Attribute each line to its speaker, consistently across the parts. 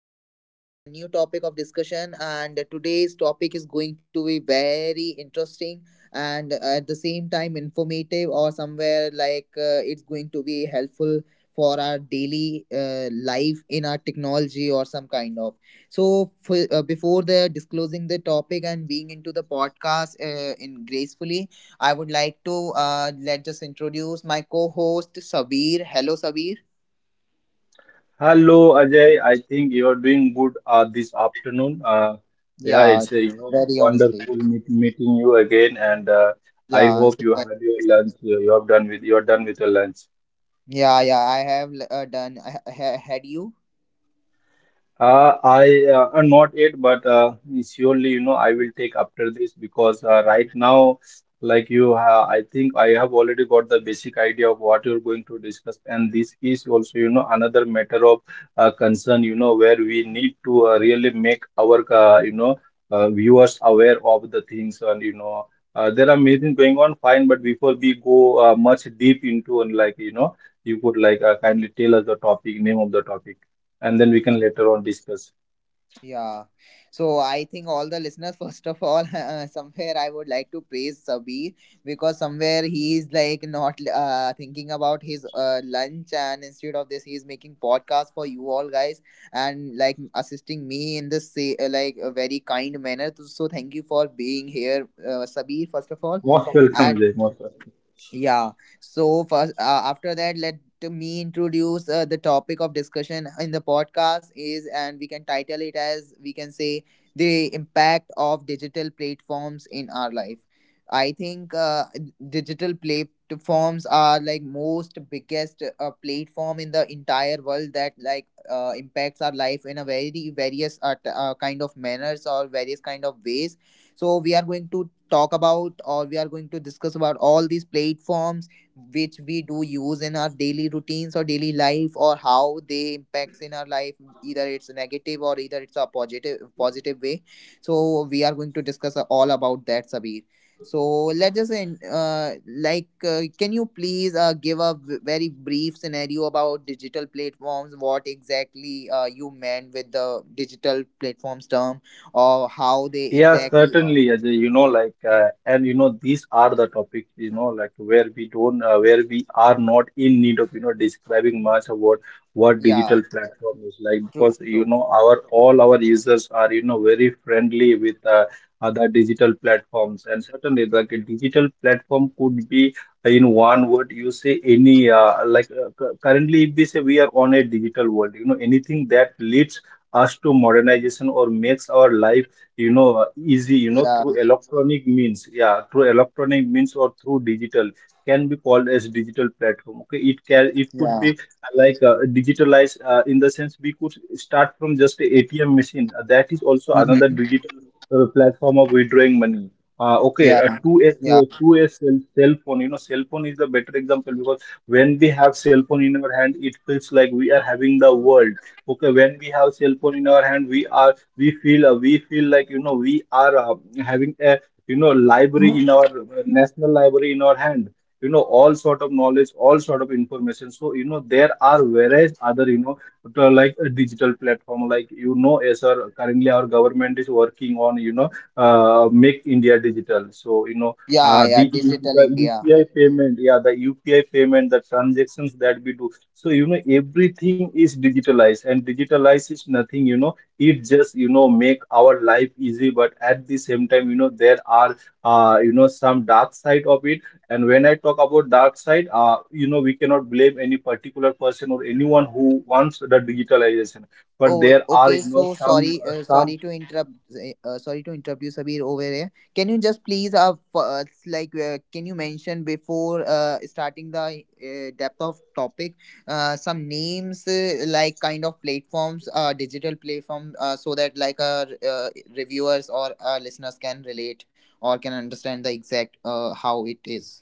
Speaker 1: new podcast with a new topic of discussion. And today's topic is going to be very interesting and at the same time informative, or somewhere like it's going to be helpful for our daily life in our technology or some kind of. So, before the disclosing the topic and being into the podcast in gracefully, I would like to let just introduce my co-host Sabir. Hello, Sabir.
Speaker 2: Hello, Ajay. I think you are doing good this afternoon. Yeah,
Speaker 1: Yeah,
Speaker 2: it's a
Speaker 1: very honestly.
Speaker 2: wonderful meeting you again, and I
Speaker 1: Yeah,
Speaker 2: hope you had your lunch. You have done with you're done with your lunch.
Speaker 1: yeah, yeah. I have done. I had you.
Speaker 2: I Not yet, but surely you know I will take after this because right now, like you, I think I have already got the basic idea of what you're going to discuss, and this is also you know another matter of concern, you know, where we need to really make our viewers aware of the things, and you know there are many things going on. Fine, but before we go much deep into and like you know, you could like kindly tell us the topic, name of the topic, and then we can later on discuss.
Speaker 1: Yeah. So I think all the listeners, first of all, somewhere I would like to praise Sabir because somewhere he is like not thinking about his lunch and instead of this, he is making podcast for you all guys and like assisting me in this say, like a very kind manner. So thank you for being here, Sabir, first of all.
Speaker 2: Most welcome, Jay. Most welcome.
Speaker 1: Yeah. So first, after that, let me introduce the topic of discussion in the podcast is, and we can title it as we can say the impact of digital platforms in our life. I think digital platforms are like most biggest platform in the entire world that like impacts our life in a very various kind of manners or various kind of ways, so we are going to talk about or we are going to discuss about all these platforms which we do use in our daily routines or daily life, or how they impacts in our life, either it's negative or either it's a positive way. So we are going to discuss all about that, Sabir. So let us in like can you please give a very brief scenario about digital platforms, what exactly you meant with the digital platforms term or how they
Speaker 2: Yeah,
Speaker 1: exactly are.
Speaker 2: certainly, Ajay. You know, like, and you know, these are the topics, you know, like where we don't, where we are not in need of, you know, describing much about what digital
Speaker 1: Yeah,
Speaker 2: platform is like,
Speaker 1: true,
Speaker 2: because you
Speaker 1: true.
Speaker 2: know, our all our users are, you know, very friendly with other digital platforms, and certainly, like, a digital platform could be, in one word, you say any, currently, if we say we are on a digital world, you know, anything that leads us to modernization or makes our life you know easy, you know,
Speaker 1: Yeah,
Speaker 2: through electronic means, yeah, through electronic means or through digital can be called as digital platform. Okay, it could
Speaker 1: yeah,
Speaker 2: be digitalized, in the sense we could start from just a ATM machine. That is also another
Speaker 1: mm-hmm.
Speaker 2: digital platform of withdrawing money, okay,
Speaker 1: Yeah, yeah,
Speaker 2: to a cell phone. You know, cell phone is the better example because when we have cell phone in our hand, it feels like we are having the world. Okay, when we have cell phone in our hand, we feel like, you know, we are having a you know library in our national library in our hand. You know, all sort of knowledge, all sort of information. So you know there are various other, you know, like a digital platform, like, you know, as our currently our government is working on, you know, make India digital. So you know
Speaker 1: yeah, yeah.
Speaker 2: the
Speaker 1: Digital
Speaker 2: the
Speaker 1: India.
Speaker 2: upi payment, yeah, the UPI payment, the transactions that we do. So you know everything is digitalized, and digitalized is nothing, you know, it just you know make our life easy, but at the same time, you know, there are you know some dark side of it. And when I talk about dark side, you know, we cannot blame any particular person or anyone who wants the digitalization, but
Speaker 1: Oh,
Speaker 2: there are
Speaker 1: okay.
Speaker 2: you know
Speaker 1: So
Speaker 2: some
Speaker 1: sorry,
Speaker 2: some.
Speaker 1: sorry to interrupt. Sorry to interrupt you, Sabir, over here. Can you just please, like, can you mention before starting the depth of topic, some names, like kind of platforms, digital platform, so that like our reviewers or listeners can relate or can understand the exact how it is.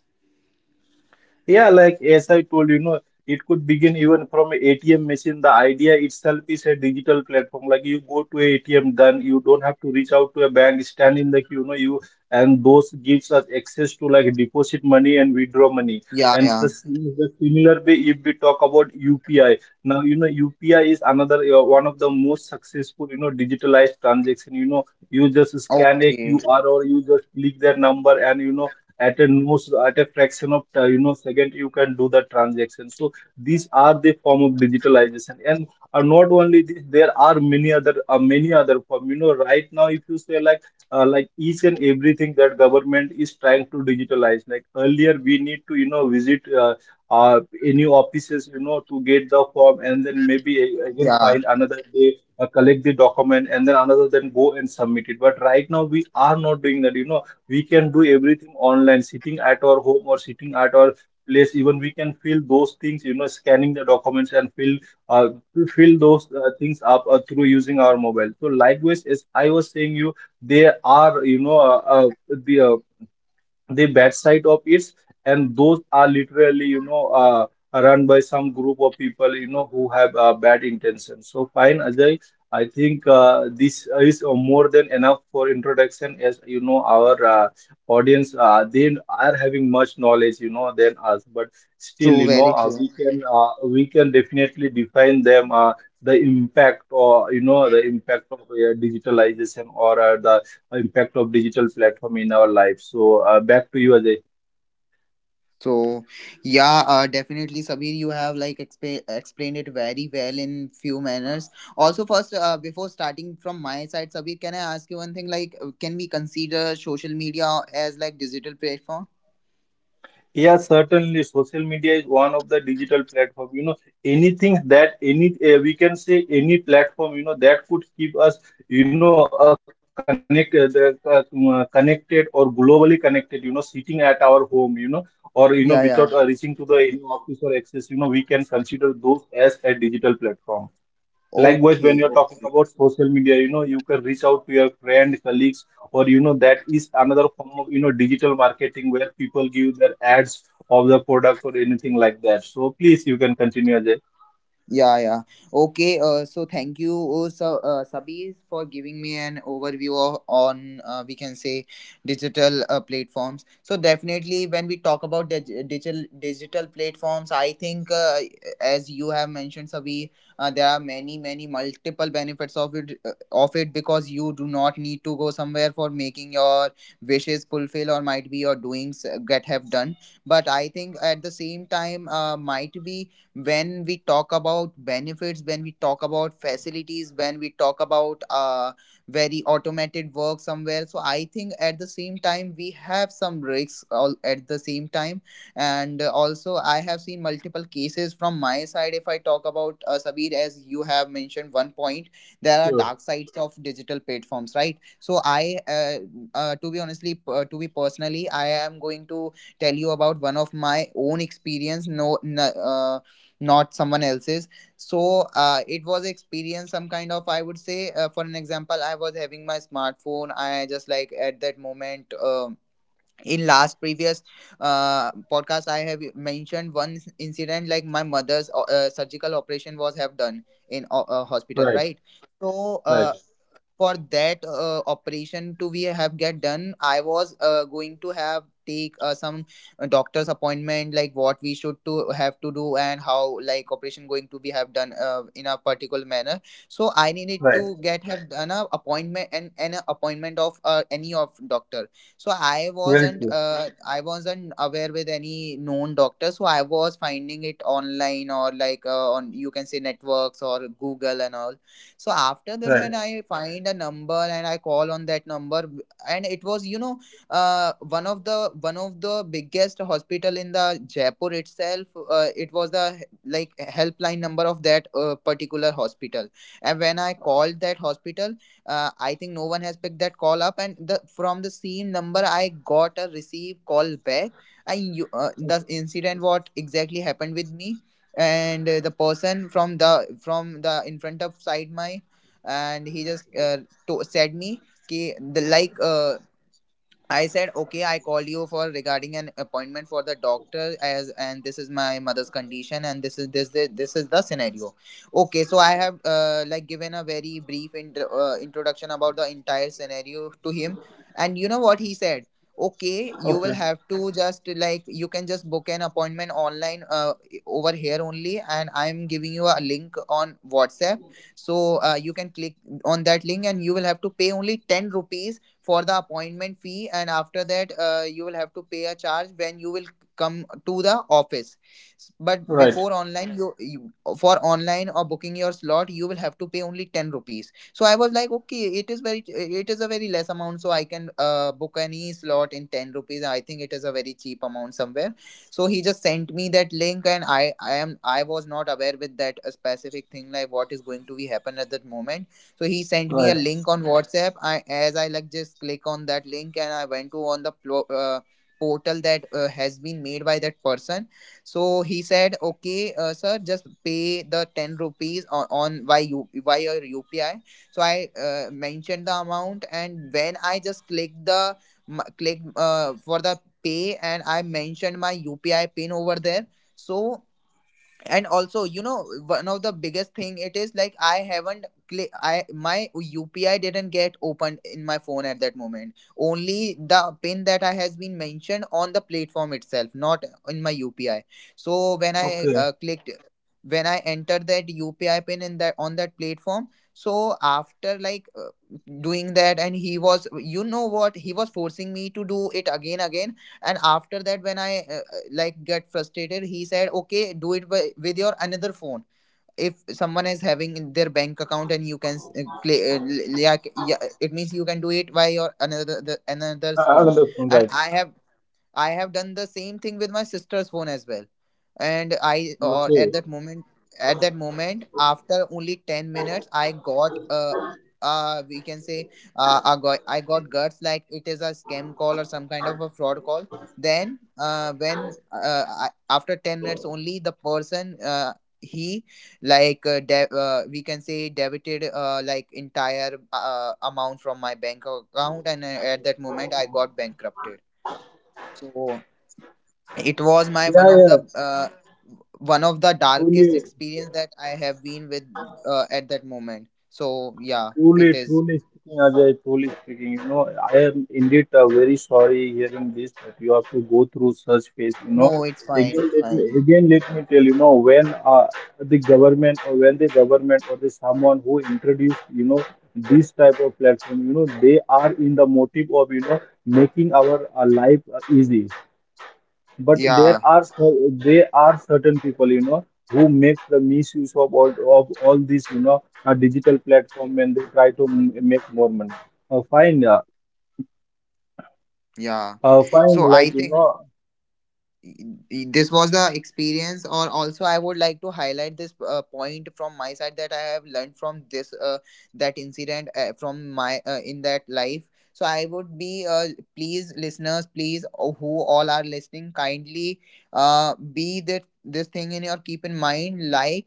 Speaker 2: Yeah, like as I told you, you know, it could begin even from a ATM machine. The idea itself is a digital platform. Like you go to a ATM, then you don't have to reach out to a bank, stand in the queue, you know, you, and those gives us access to like deposit money and withdraw money.
Speaker 1: Yeah,
Speaker 2: And
Speaker 1: yeah.
Speaker 2: the similar way, if we talk about UPI, now you know UPI is another, one of the most successful, you know, digitalized transaction. You know, you just scan a
Speaker 1: Okay.
Speaker 2: QR or you just click their number, and you know at a most at a fraction of you know second you can do the transaction. So these are the form of digitalization. And not only this, there are many other form. You know, right now if you say like each and everything that government is trying to digitalize, like earlier we need to, you know, visit uh, any offices, you know, to get the form, and then maybe again
Speaker 1: Yeah.
Speaker 2: find another day, collect the document, and then another, then go and submit it. But right now we are not doing that. You know, we can do everything online, sitting at our home or sitting at our place. Even we can fill those things, you know, scanning the documents and fill uh, to fill those things up through using our mobile. So likewise, as I was saying, you, they are you know the uh, the bad side of it, and those are literally, you know, run by some group of people, you know, who have bad intentions. So fine, Ajay, I think this is more than enough for introduction, as you know our audience they are having much knowledge you know than us. But still,
Speaker 1: True.
Speaker 2: you know,
Speaker 1: Very true.
Speaker 2: we can definitely define them, the impact, or you know the impact of digitalization, or the impact of digital platform in our life. So back to you, Ajay.
Speaker 1: So yeah, definitely, Sabir, you have like explained it very well in few manners. Also, first, before starting from my side, Sabir, can I ask you one thing? Like, can we consider social media as like digital platform?
Speaker 2: Yeah, certainly. Social media is one of the digital platform. You know, anything that any we can say any platform, you know, that could keep us, you know, connected or globally connected, you know, sitting at our home, you know, or you know without
Speaker 1: Yeah, yeah.
Speaker 2: reaching to the any office or access, you know, we can consider those as a digital platform. Likewise, when
Speaker 1: Okay,
Speaker 2: you're talking about social media, you know, you can reach out to your friend, colleagues, or you know, that is another form of you know digital marketing where people give their ads of the product or anything like that. So please, you can continue, Ajay.
Speaker 1: yeah, yeah. Okay, so thank you, oh, so, Sabir, for giving me an overview of, on, we can say, digital platforms. So definitely, when we talk about digital platforms, I think, as you have mentioned, Sabir, there are many, many multiple benefits of it, of it because you do not need to go somewhere for making your wishes fulfill or might be your doings get have done. But I think at the same time, might be when we talk about benefits, when we talk about facilities, when we talk about very automated work somewhere, so I think at the same time we have some risks all at the same time. And also, I have seen multiple cases from my side. If I talk about Sabir, as you have mentioned one point, there are
Speaker 2: Sure.
Speaker 1: dark sides of digital platforms, right? So I to be honestly to be personally, I am going to tell you about one of my own experience, not someone else's. So it was experience some kind of, I would say, for an example, I was having my smartphone. I just like at that moment, in last previous podcast I have mentioned one incident, like my mother's surgical operation was have done in a hospital, right? So
Speaker 2: Right.
Speaker 1: for that operation to be have get done, I was going to have take some doctor's appointment, like what we should to have to do and how like operation going to be have done in a particular manner. So I needed
Speaker 2: Right.
Speaker 1: to get have done a appointment, and an appointment of any of doctor. So I
Speaker 2: Very
Speaker 1: wasn't
Speaker 2: true.
Speaker 1: I wasn't aware with any known doctor, so I was finding it online or like on you can say networks or Google and all. So after that,
Speaker 2: Right.
Speaker 1: when I find a number and I call on that number, and it was, you know, one of the biggest hospital in the Jaipur itself. It was the like helpline number of that particular hospital. And when I called that hospital, I think no one has picked that call up, and the from the same number I got a receive call back. I you, the incident what exactly happened with me, and the person from the in front of side my, and he just said me. कि the like I said, okay, I call you for regarding an appointment for the doctor, as and this is my mother's condition and this is this is the scenario. Okay, so I have like given a very brief introduction about the entire scenario to him, and you know what he said. Okay, you will
Speaker 2: Okay.
Speaker 1: have to just like you can just book an appointment online over here only, and I'm giving you a link on WhatsApp, so you can click on that link and you will have to pay only ten rupees for the appointment fee, and after that you will have to pay a charge when you will come to the office. But before online you, for online or booking your slot, you will have to pay only 10 rupees. So I was like, okay, it is very, it is a very less amount, so I can book any slot in 10 rupees. I think it is a very cheap amount somewhere. So he just sent me that link, and I was not aware with that specific thing, like what is going to be happen at that moment. So he sent me a
Speaker 2: Right.
Speaker 1: link on WhatsApp. I, as I like just click on that link, and I went to on the portal that has been made by that person. So he said, "Okay, sir, just pay the ten rupees on by you by your UPI." So I mentioned the amount, and when I just clicked the m- click for the pay, and I mentioned my UPI pin over there. So, and also you know, one of the biggest thing, it is like I haven't cli- I, my UPI didn't get opened in my phone at that moment. Only the pin that I has been mentioned on the platform itself, not in my UPI. So when I clicked when I entered that UPI pin in that on that platform, so after like doing that, and he was, you know what, he was forcing me to do it again. And after that, when I like get frustrated, he said, okay, do it with your another phone, if someone is having in their bank account, and you can yeah, yeah, it means you can do it by your another
Speaker 2: I
Speaker 1: another's
Speaker 2: I
Speaker 1: phone.
Speaker 2: understand.
Speaker 1: And
Speaker 2: Right.
Speaker 1: I have I have done the same thing with my sister's phone as well. And I or
Speaker 2: Okay.
Speaker 1: At that moment, after only 10 minutes, I got we can say, I got guts like it is a scam call or some kind of a fraud call. Then when I, after 10 minutes only the person he we can say debited like entire amount from my bank account and at that moment I got bankrupted. So it was my
Speaker 2: Yeah. Yeah.
Speaker 1: one of the darkest
Speaker 2: Truly.
Speaker 1: experience that I have been with at that moment. So yeah,
Speaker 2: Truly,
Speaker 1: it is.
Speaker 2: truly speaking, Ajay, truly speaking, you know, I am indeed very sorry hearing this that you have to go through such phase. You know,
Speaker 1: No, it's fine, it's
Speaker 2: let me
Speaker 1: fine.
Speaker 2: again let me tell you know when uh, the government or when the government or the someone who introduced you know this type of platform, you know, they are in the motive of you know making our life easy, but
Speaker 1: Yeah,
Speaker 2: there are certain people you know who make the misuse of all these you know digital platform, and they try to make more money. uh, fine uh,
Speaker 1: yeah.
Speaker 2: Fine,
Speaker 1: So I
Speaker 2: like you
Speaker 1: think
Speaker 2: know.
Speaker 1: this was the experience, or also I would like to highlight this point from my side that I have learned from this that incident from my in that life. So I would be please listeners, please who all are listening, kindly be that this thing in your keep in mind, like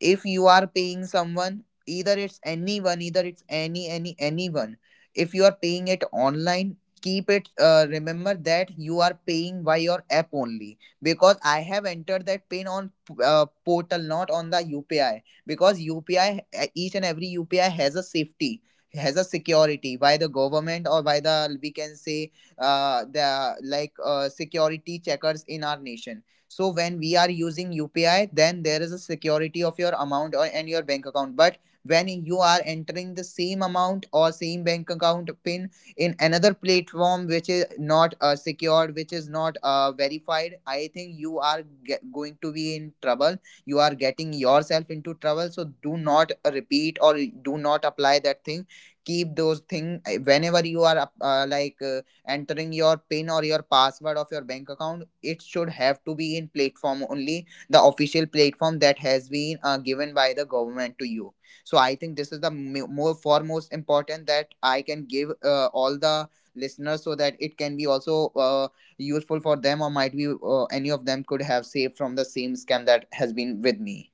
Speaker 1: if you are paying someone, either it's anyone, either it's any anyone, if you are paying it online, keep it, remember that you are paying by your app only, because I have entered that pin on portal, not on the UPI. Because UPI, each and every UPI has a safety, has a security by the government or by the, we can say, the like security checkers in our nation. So when we are using UPI, then there is a security of your amount or, and your bank account. But when you are entering the same amount or same bank account pin in another platform which is not secured, which is not verified, I think you are going to be in trouble. You are getting yourself into trouble. So do not repeat or do not apply that thing. Keep those thing whenever you are entering your pin or your password of your bank account, it should have to be in platform only, the official platform that has been given by the government to you. So I think this is the more foremost important that I can give all the listeners, so that it can be also useful for them, or might be any of them could have saved from the same scam that has been with me.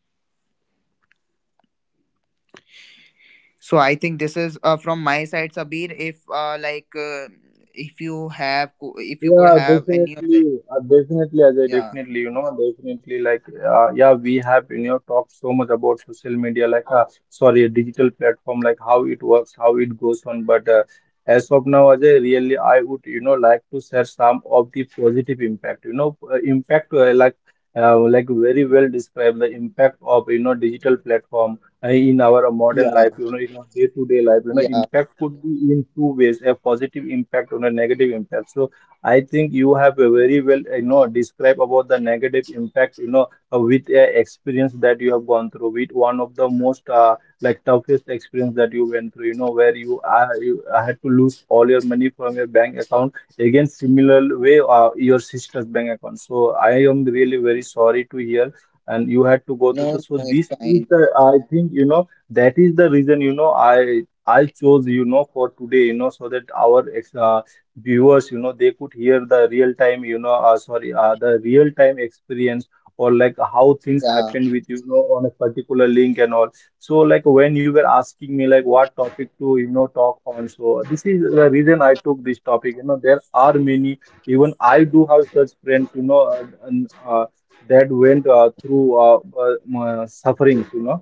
Speaker 1: So I think this is from my side, Sabir. If if you have if you could
Speaker 2: Yeah,
Speaker 1: have any of the.
Speaker 2: definitely, definitely, Ajay,
Speaker 1: Yeah,
Speaker 2: definitely, you know, definitely, like, yeah, we have, you know, talked so much about social media, like, sorry, a digital platform, like how it works, how it goes on, but as of now, Ajay, really, I would, you know, like to share some of the positive impact, you know, like very well described the impact of, you know, digital platform in our modern life,
Speaker 1: yeah,
Speaker 2: you know, in our day-to-day life. You know,
Speaker 1: yeah.
Speaker 2: impact could be in two ways, a positive impact and a negative impact. So I think you have a very well, you know, describe about the negative impact, you know, with a experience that you have gone through, with one of the most like toughest experience that you went through, you know, where you you had to lose all your money from your bank account. Again, similar way, your sister's bank account. So I am really very sorry to hear, and you had to go through
Speaker 1: No,
Speaker 2: this. So
Speaker 1: no, it's
Speaker 2: this is
Speaker 1: fine.
Speaker 2: the, I think, you know, that is the reason, you know, I chose, you know, for today, you know, so that our viewers you know they could hear the real time, you know, sorry the real time experience, or like how things
Speaker 1: Yeah,
Speaker 2: happen with you know on a particular link and all. So like when you were asking me like what topic to you know talk on, so this is the reason I took this topic. You know, there are many, even I do have such friends, you know, that went through sufferings, you know.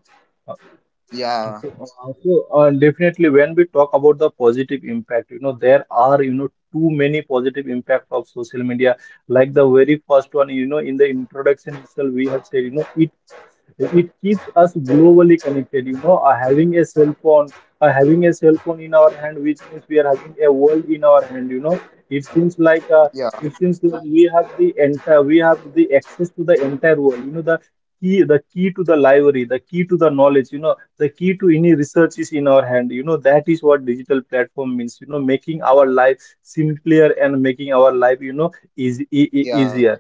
Speaker 2: Uh,
Speaker 1: yeah,
Speaker 2: so, uh, Definitely when we talk about the positive impact, you know, there are, you know, too many positive impact of social media. Like the very first one, you know, in the introduction itself, we have said, you know, it keeps us globally connected. You know, having a cell phone in our hand, which means we are having a world in our hand. You know, it seems like uh,
Speaker 1: yeah,
Speaker 2: it seems like we have the access to the entire world. You know, the key to the library, the key to the knowledge. You know, the key to any research is in our hand, that is what digital platform means, making our life simpler and making our life, easy, e- e-
Speaker 1: yeah,
Speaker 2: easier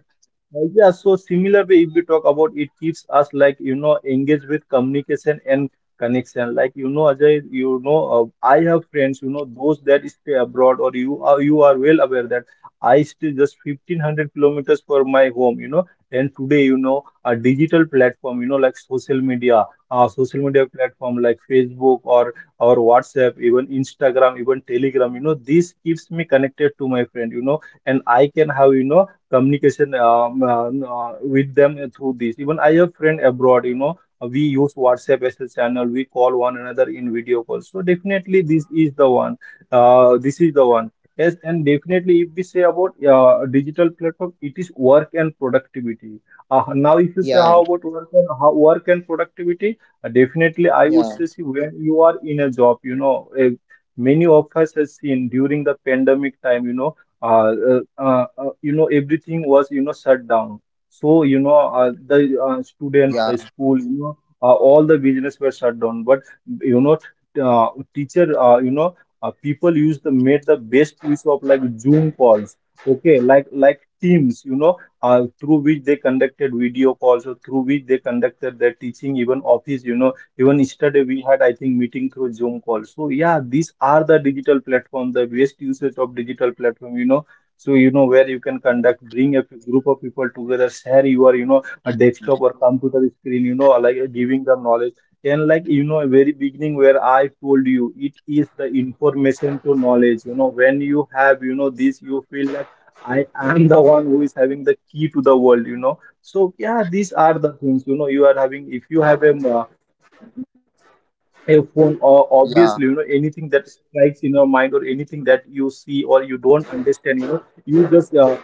Speaker 2: Yeah, so similar way. If we talk about, it keeps us, like, engaged with communication and connection. Like, Ajay, I have friends, those that stay abroad, or you are well aware that I stay just 1,500 kilometers from my home, you know. And today, a digital platform, like social media platform like Facebook or WhatsApp, even Instagram, even Telegram, this keeps me connected to my friend, and I can have, communication, with them through this. Even I have friend abroad, we use WhatsApp as a channel. We call one another in video calls. So definitely this is the one. This is the one. Yes, and definitely if we say about digital platform, it is work and productivity. Now, if you say how
Speaker 1: yeah,
Speaker 2: about work and how work and productivity, definitely I would
Speaker 1: yeah,
Speaker 2: say, see, when you are in a job, many of us has seen during the pandemic time, uh, everything was, shut down. So, the, students, the
Speaker 1: yeah,
Speaker 2: school, all the business were shut down. But, you know uh, teacher, people used the made the best use of, like, Zoom calls, okay, like Teams, through which they conducted video calls, or through which they conducted their teaching, even office, even yesterday we had, I think, meeting through Zoom call. So yeah, these are the digital platform, the best usage of digital platform, you know. So, where you can conduct, bring a group of people together, share your, a desktop or computer screen, like, giving them knowledge. And like, very beginning where I told you, it is the information to knowledge. You know, when you have, this, you feel like I am the one who is having the key to the world. You know, so yeah, these are the things. You know, you are having. If you have a phone, or obviously,
Speaker 1: yeah.
Speaker 2: anything that strikes in your mind, or anything that you see or you don't understand,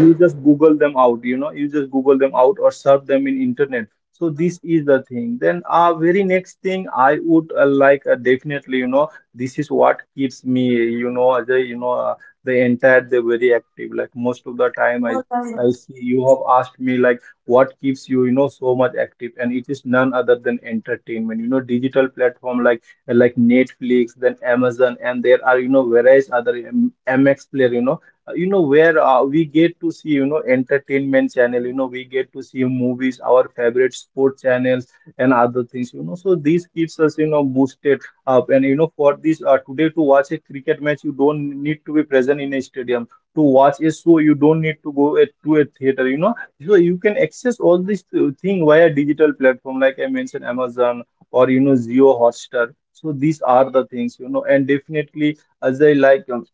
Speaker 2: you just google them out, you just google them out or search them in internet. So this is the thing. Then, very next thing I would, like, definitely, this is what keeps me, the, the entire day very active. Like most of the time, I see you have asked me like what keeps you, you know so much active, and it is none other than entertainment. You know, digital platform, like Netflix, then Amazon, and there are, various other
Speaker 1: Sorry?
Speaker 2: MX Player, you know.
Speaker 1: Sorry.
Speaker 2: Where we get to see, entertainment channel, we get to see movies, our favorite sport channels and other things, so this keeps us, boosted up. And, for this, today to watch a cricket match, you don't need to be present in a stadium. To watch a show, you don't need to go to a theater, so you can access all this thing via digital platform, like I mentioned, Amazon or, Zio Hotstar. So these are the things, you know, and definitely as I like. Um,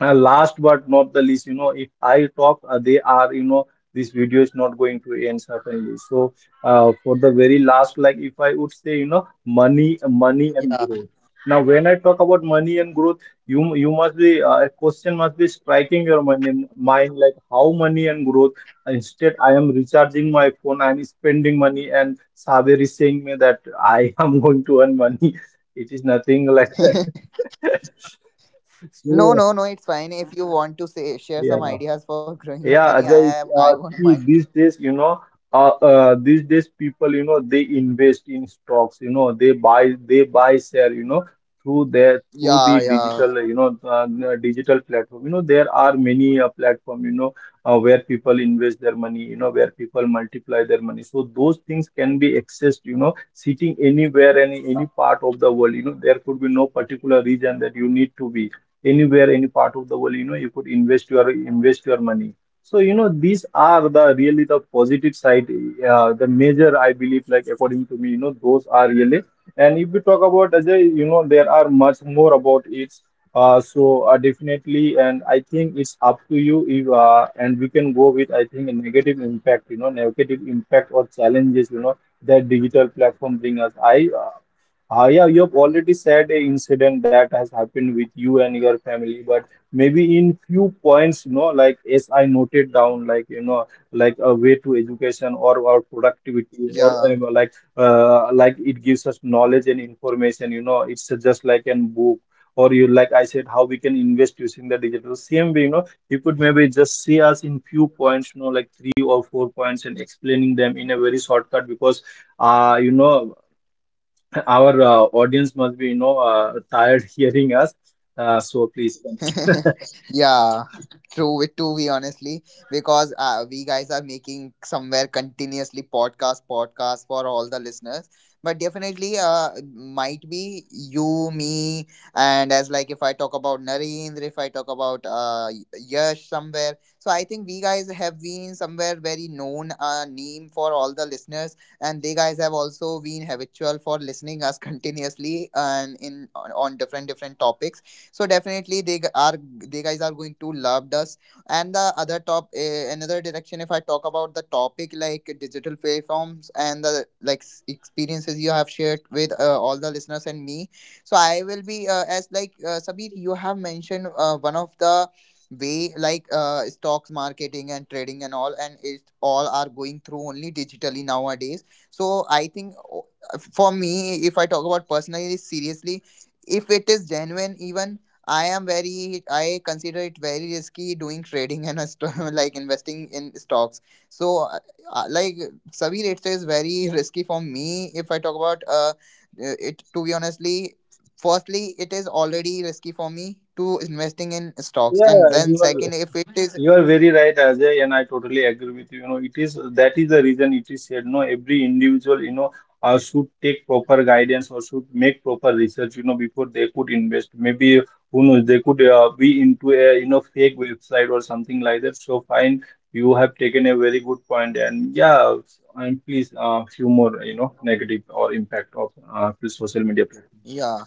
Speaker 2: uh, Last but not the least, if I talk, they are, this video is not going to end certainly. So, for the very last, like if I would say, money, money and
Speaker 1: Yeah.
Speaker 2: growth. Now, when I talk about money and growth, you must be, a question must be striking your money, mind, like, how money and growth. Instead, I am recharging my phone, I am spending money, and Saber is saying me that I am going to earn money. It is nothing like that. So,
Speaker 1: No, no, no. It's fine. If you want to say share some
Speaker 2: yeah.
Speaker 1: ideas for growing the money,
Speaker 2: Yeah,
Speaker 1: I
Speaker 2: Ajay, it's,
Speaker 1: have. I won't
Speaker 2: see,
Speaker 1: mind.
Speaker 2: these days, these days people, they invest in stocks, they buy share, through their, through
Speaker 1: Yeah,
Speaker 2: the
Speaker 1: yeah,
Speaker 2: digital, digital platform. You know, there are many platform, where people invest their money, where people multiply their money. So those things can be accessed, sitting anywhere, any part of the world. You know, there could be no particular region that you need to be anywhere, any part of the world. You know, you could invest your money. So, these are the really the positive side, the major, I believe, like, according to me, those are really. And if we talk about Ajay, there are much more about it. Definitely, and I think it's up to you if, and we can go with, I think, a negative impact, negative impact or challenges, that digital platform bring us. I, yeah, you have already said a incident that has happened with you and your family. But maybe in few points, like as I noted down, like, like a way to education, or productivity, or,
Speaker 1: yeah.
Speaker 2: like, like it gives us knowledge and information. You know, it's just like an book. Or you, like I said, how we can invest using the digital, same way, you could maybe just see us in few points, like three or four points, and explaining them in a very shortcut, because uh you know our audience must be, tired hearing us. So please continue.
Speaker 1: Yeah, true. With to be honestly, because we guys are making somewhere continuously podcast, podcast for all the listeners. But definitely, might be you, me, and as like if I talk about Narendra, if I talk about Yash somewhere. So I think we guys have been somewhere very known name for all the listeners, and they guys have also been habitual for listening us continuously, and in on different different topics. So definitely they are, they guys are going to love us. And the other top another direction, if I talk about the topic like digital platforms and the like experiences you have shared with all the listeners and me, so I will be as like Sabir, you have mentioned one of the way, like stocks marketing and trading and all, and it all are going through only digitally nowadays. So I think for me, if I talk about personally, seriously, if it is genuine even, I am very, I consider it very risky doing trading and a like investing in stocks. So, uh, like, Savir, it is very risky for me if I talk about it to be honestly. Firstly, it is already risky for me to investing in stocks,
Speaker 2: Yeah,
Speaker 1: and then
Speaker 2: you are
Speaker 1: second, if it is.
Speaker 2: you are very right, Ajay, and I totally agree with you. You know, it is, that is the reason it is said, no, every individual, should take proper guidance or should make proper research, before they could invest. Maybe who knows, they could be into a, fake website or something like that. So fine, you have taken a very good point, and yeah, and please, few more, negative or impact of social media platform.
Speaker 1: Yeah.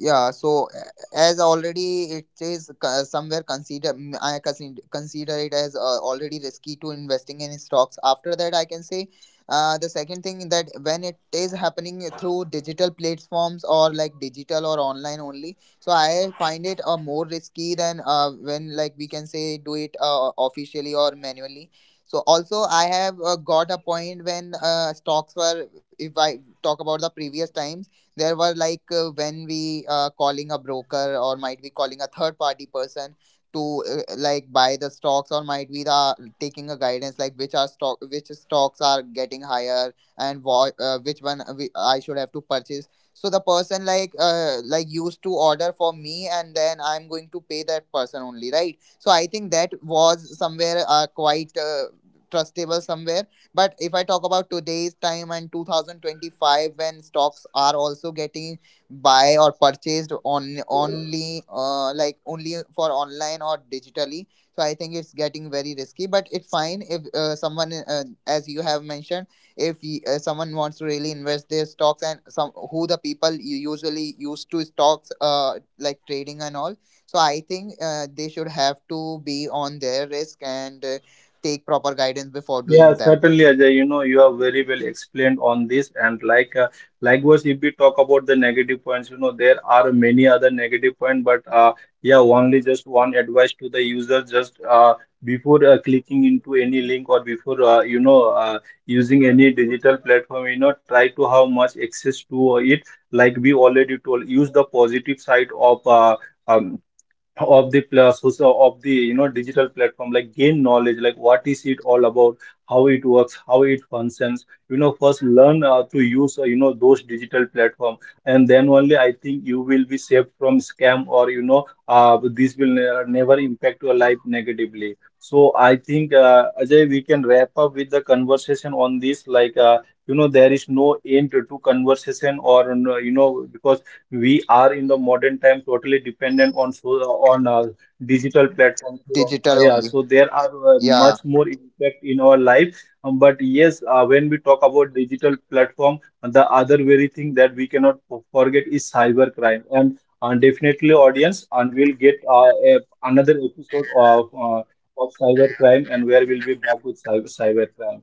Speaker 1: Yeah, so as already it is somewhere consider I consider it as already risky to investing in stocks. After that, I can say the second thing, that when it is happening through digital platforms, or like digital or online only, so I find it more risky than when, like we can say, do it officially or manually. So also I have got a point. When stocks were, if I talk about the previous times, there were like when we calling a broker or might be calling a third party person to like buy the stocks, or might be the taking a guidance like which stocks are getting higher, and what which one I should have to purchase. So the person like used to order for me, and then I'm going to pay that person only, right? So I think that was somewhere quite trustable somewhere. But if I talk about today's time and 2025, when stocks are also getting buy or purchased on only only for online or digitally, so I think it's getting very risky. But it's fine if someone, as you have mentioned, if someone wants to really invest their stocks, and some who the people you usually used to stocks like trading and all. So I think they should have to be on their risk, and take proper guidance before
Speaker 2: Yeah,
Speaker 1: doing that.
Speaker 2: certainly, Ajay. You know, you have very well explained on this, and like, likewise, if we talk about the negative points, there are many other negative points. But yeah, only just one advice to the user: just before clicking into any link, or before using any digital platform, try to have much access to it. Like we already told, use the positive side of, um, of the social of the, digital platform, like gain knowledge, like what is it all about, how it works, how it functions. You know, first learn to use, those digital platform, and then only I think you will be saved from scam, or, this will never impact your life negatively. So I think, Ajay, we can wrap up with the conversation on this. Like, there is no end to conversation. Or, because we are in the modern time totally dependent on, so on, digital platforms. So,
Speaker 1: Digital
Speaker 2: yeah,
Speaker 1: only.
Speaker 2: so there are
Speaker 1: Yeah.
Speaker 2: much more impact in our life. But yes, when we talk about digital platform, the other very thing that we cannot forget is cybercrime. And definitely, audience, and we'll get another episode of cybercrime, and where we'll be back with cybercrime.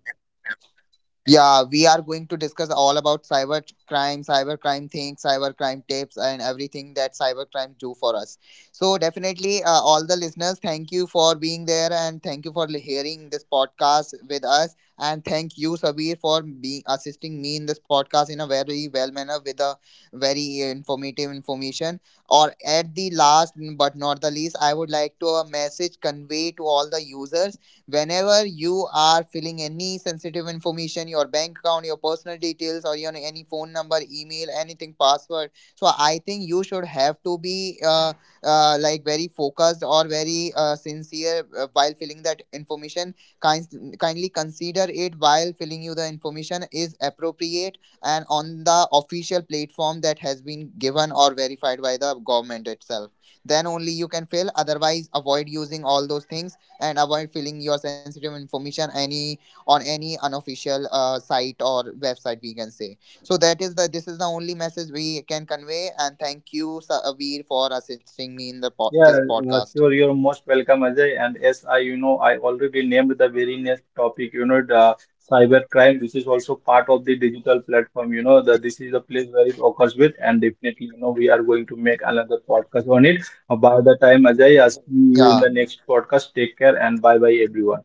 Speaker 1: Yeah, we are going to discuss all about cyber crime, cyber crime things, cyber crime tips, and everything that cyber crime do for us. So definitely, all the listeners, thank you for being there, and thank you for hearing this podcast with us, and thank you Sabir for being assisting me in this podcast in a very well manner with a very informative information. Or At the last but not the least, I would like to a message convey to all the users: whenever you are filling any sensitive information, your bank account, your personal details, or you know, any phone number, email, anything, password, so I think you should have to be like very focused or very sincere while filling that information. kind, Kindly consider it while filling, you the information is appropriate and on the official platform that has been given or verified by the government itself, then only you can fill. Otherwise, avoid using all those things, and avoid filling your sensitive information any, on any unofficial site or website, we can say. So that is the, this is the only message we can convey, and thank you Sabir for assisting me in the
Speaker 2: Yeah,
Speaker 1: this podcast.
Speaker 2: sure. You're most welcome, Ajay. And yes, I already named the very next topic, the cyber crime, which is also part of the digital platform. You know, the, this is the place where it occurs with, and definitely, we are going to make another podcast on it. By the time, Ajay, I see you in
Speaker 1: Yeah,
Speaker 2: the next podcast. Take care and bye bye, everyone.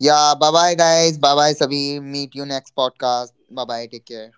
Speaker 1: yeah, bye bye guys, bye bye Sabir, meet you next podcast, bye bye, take care.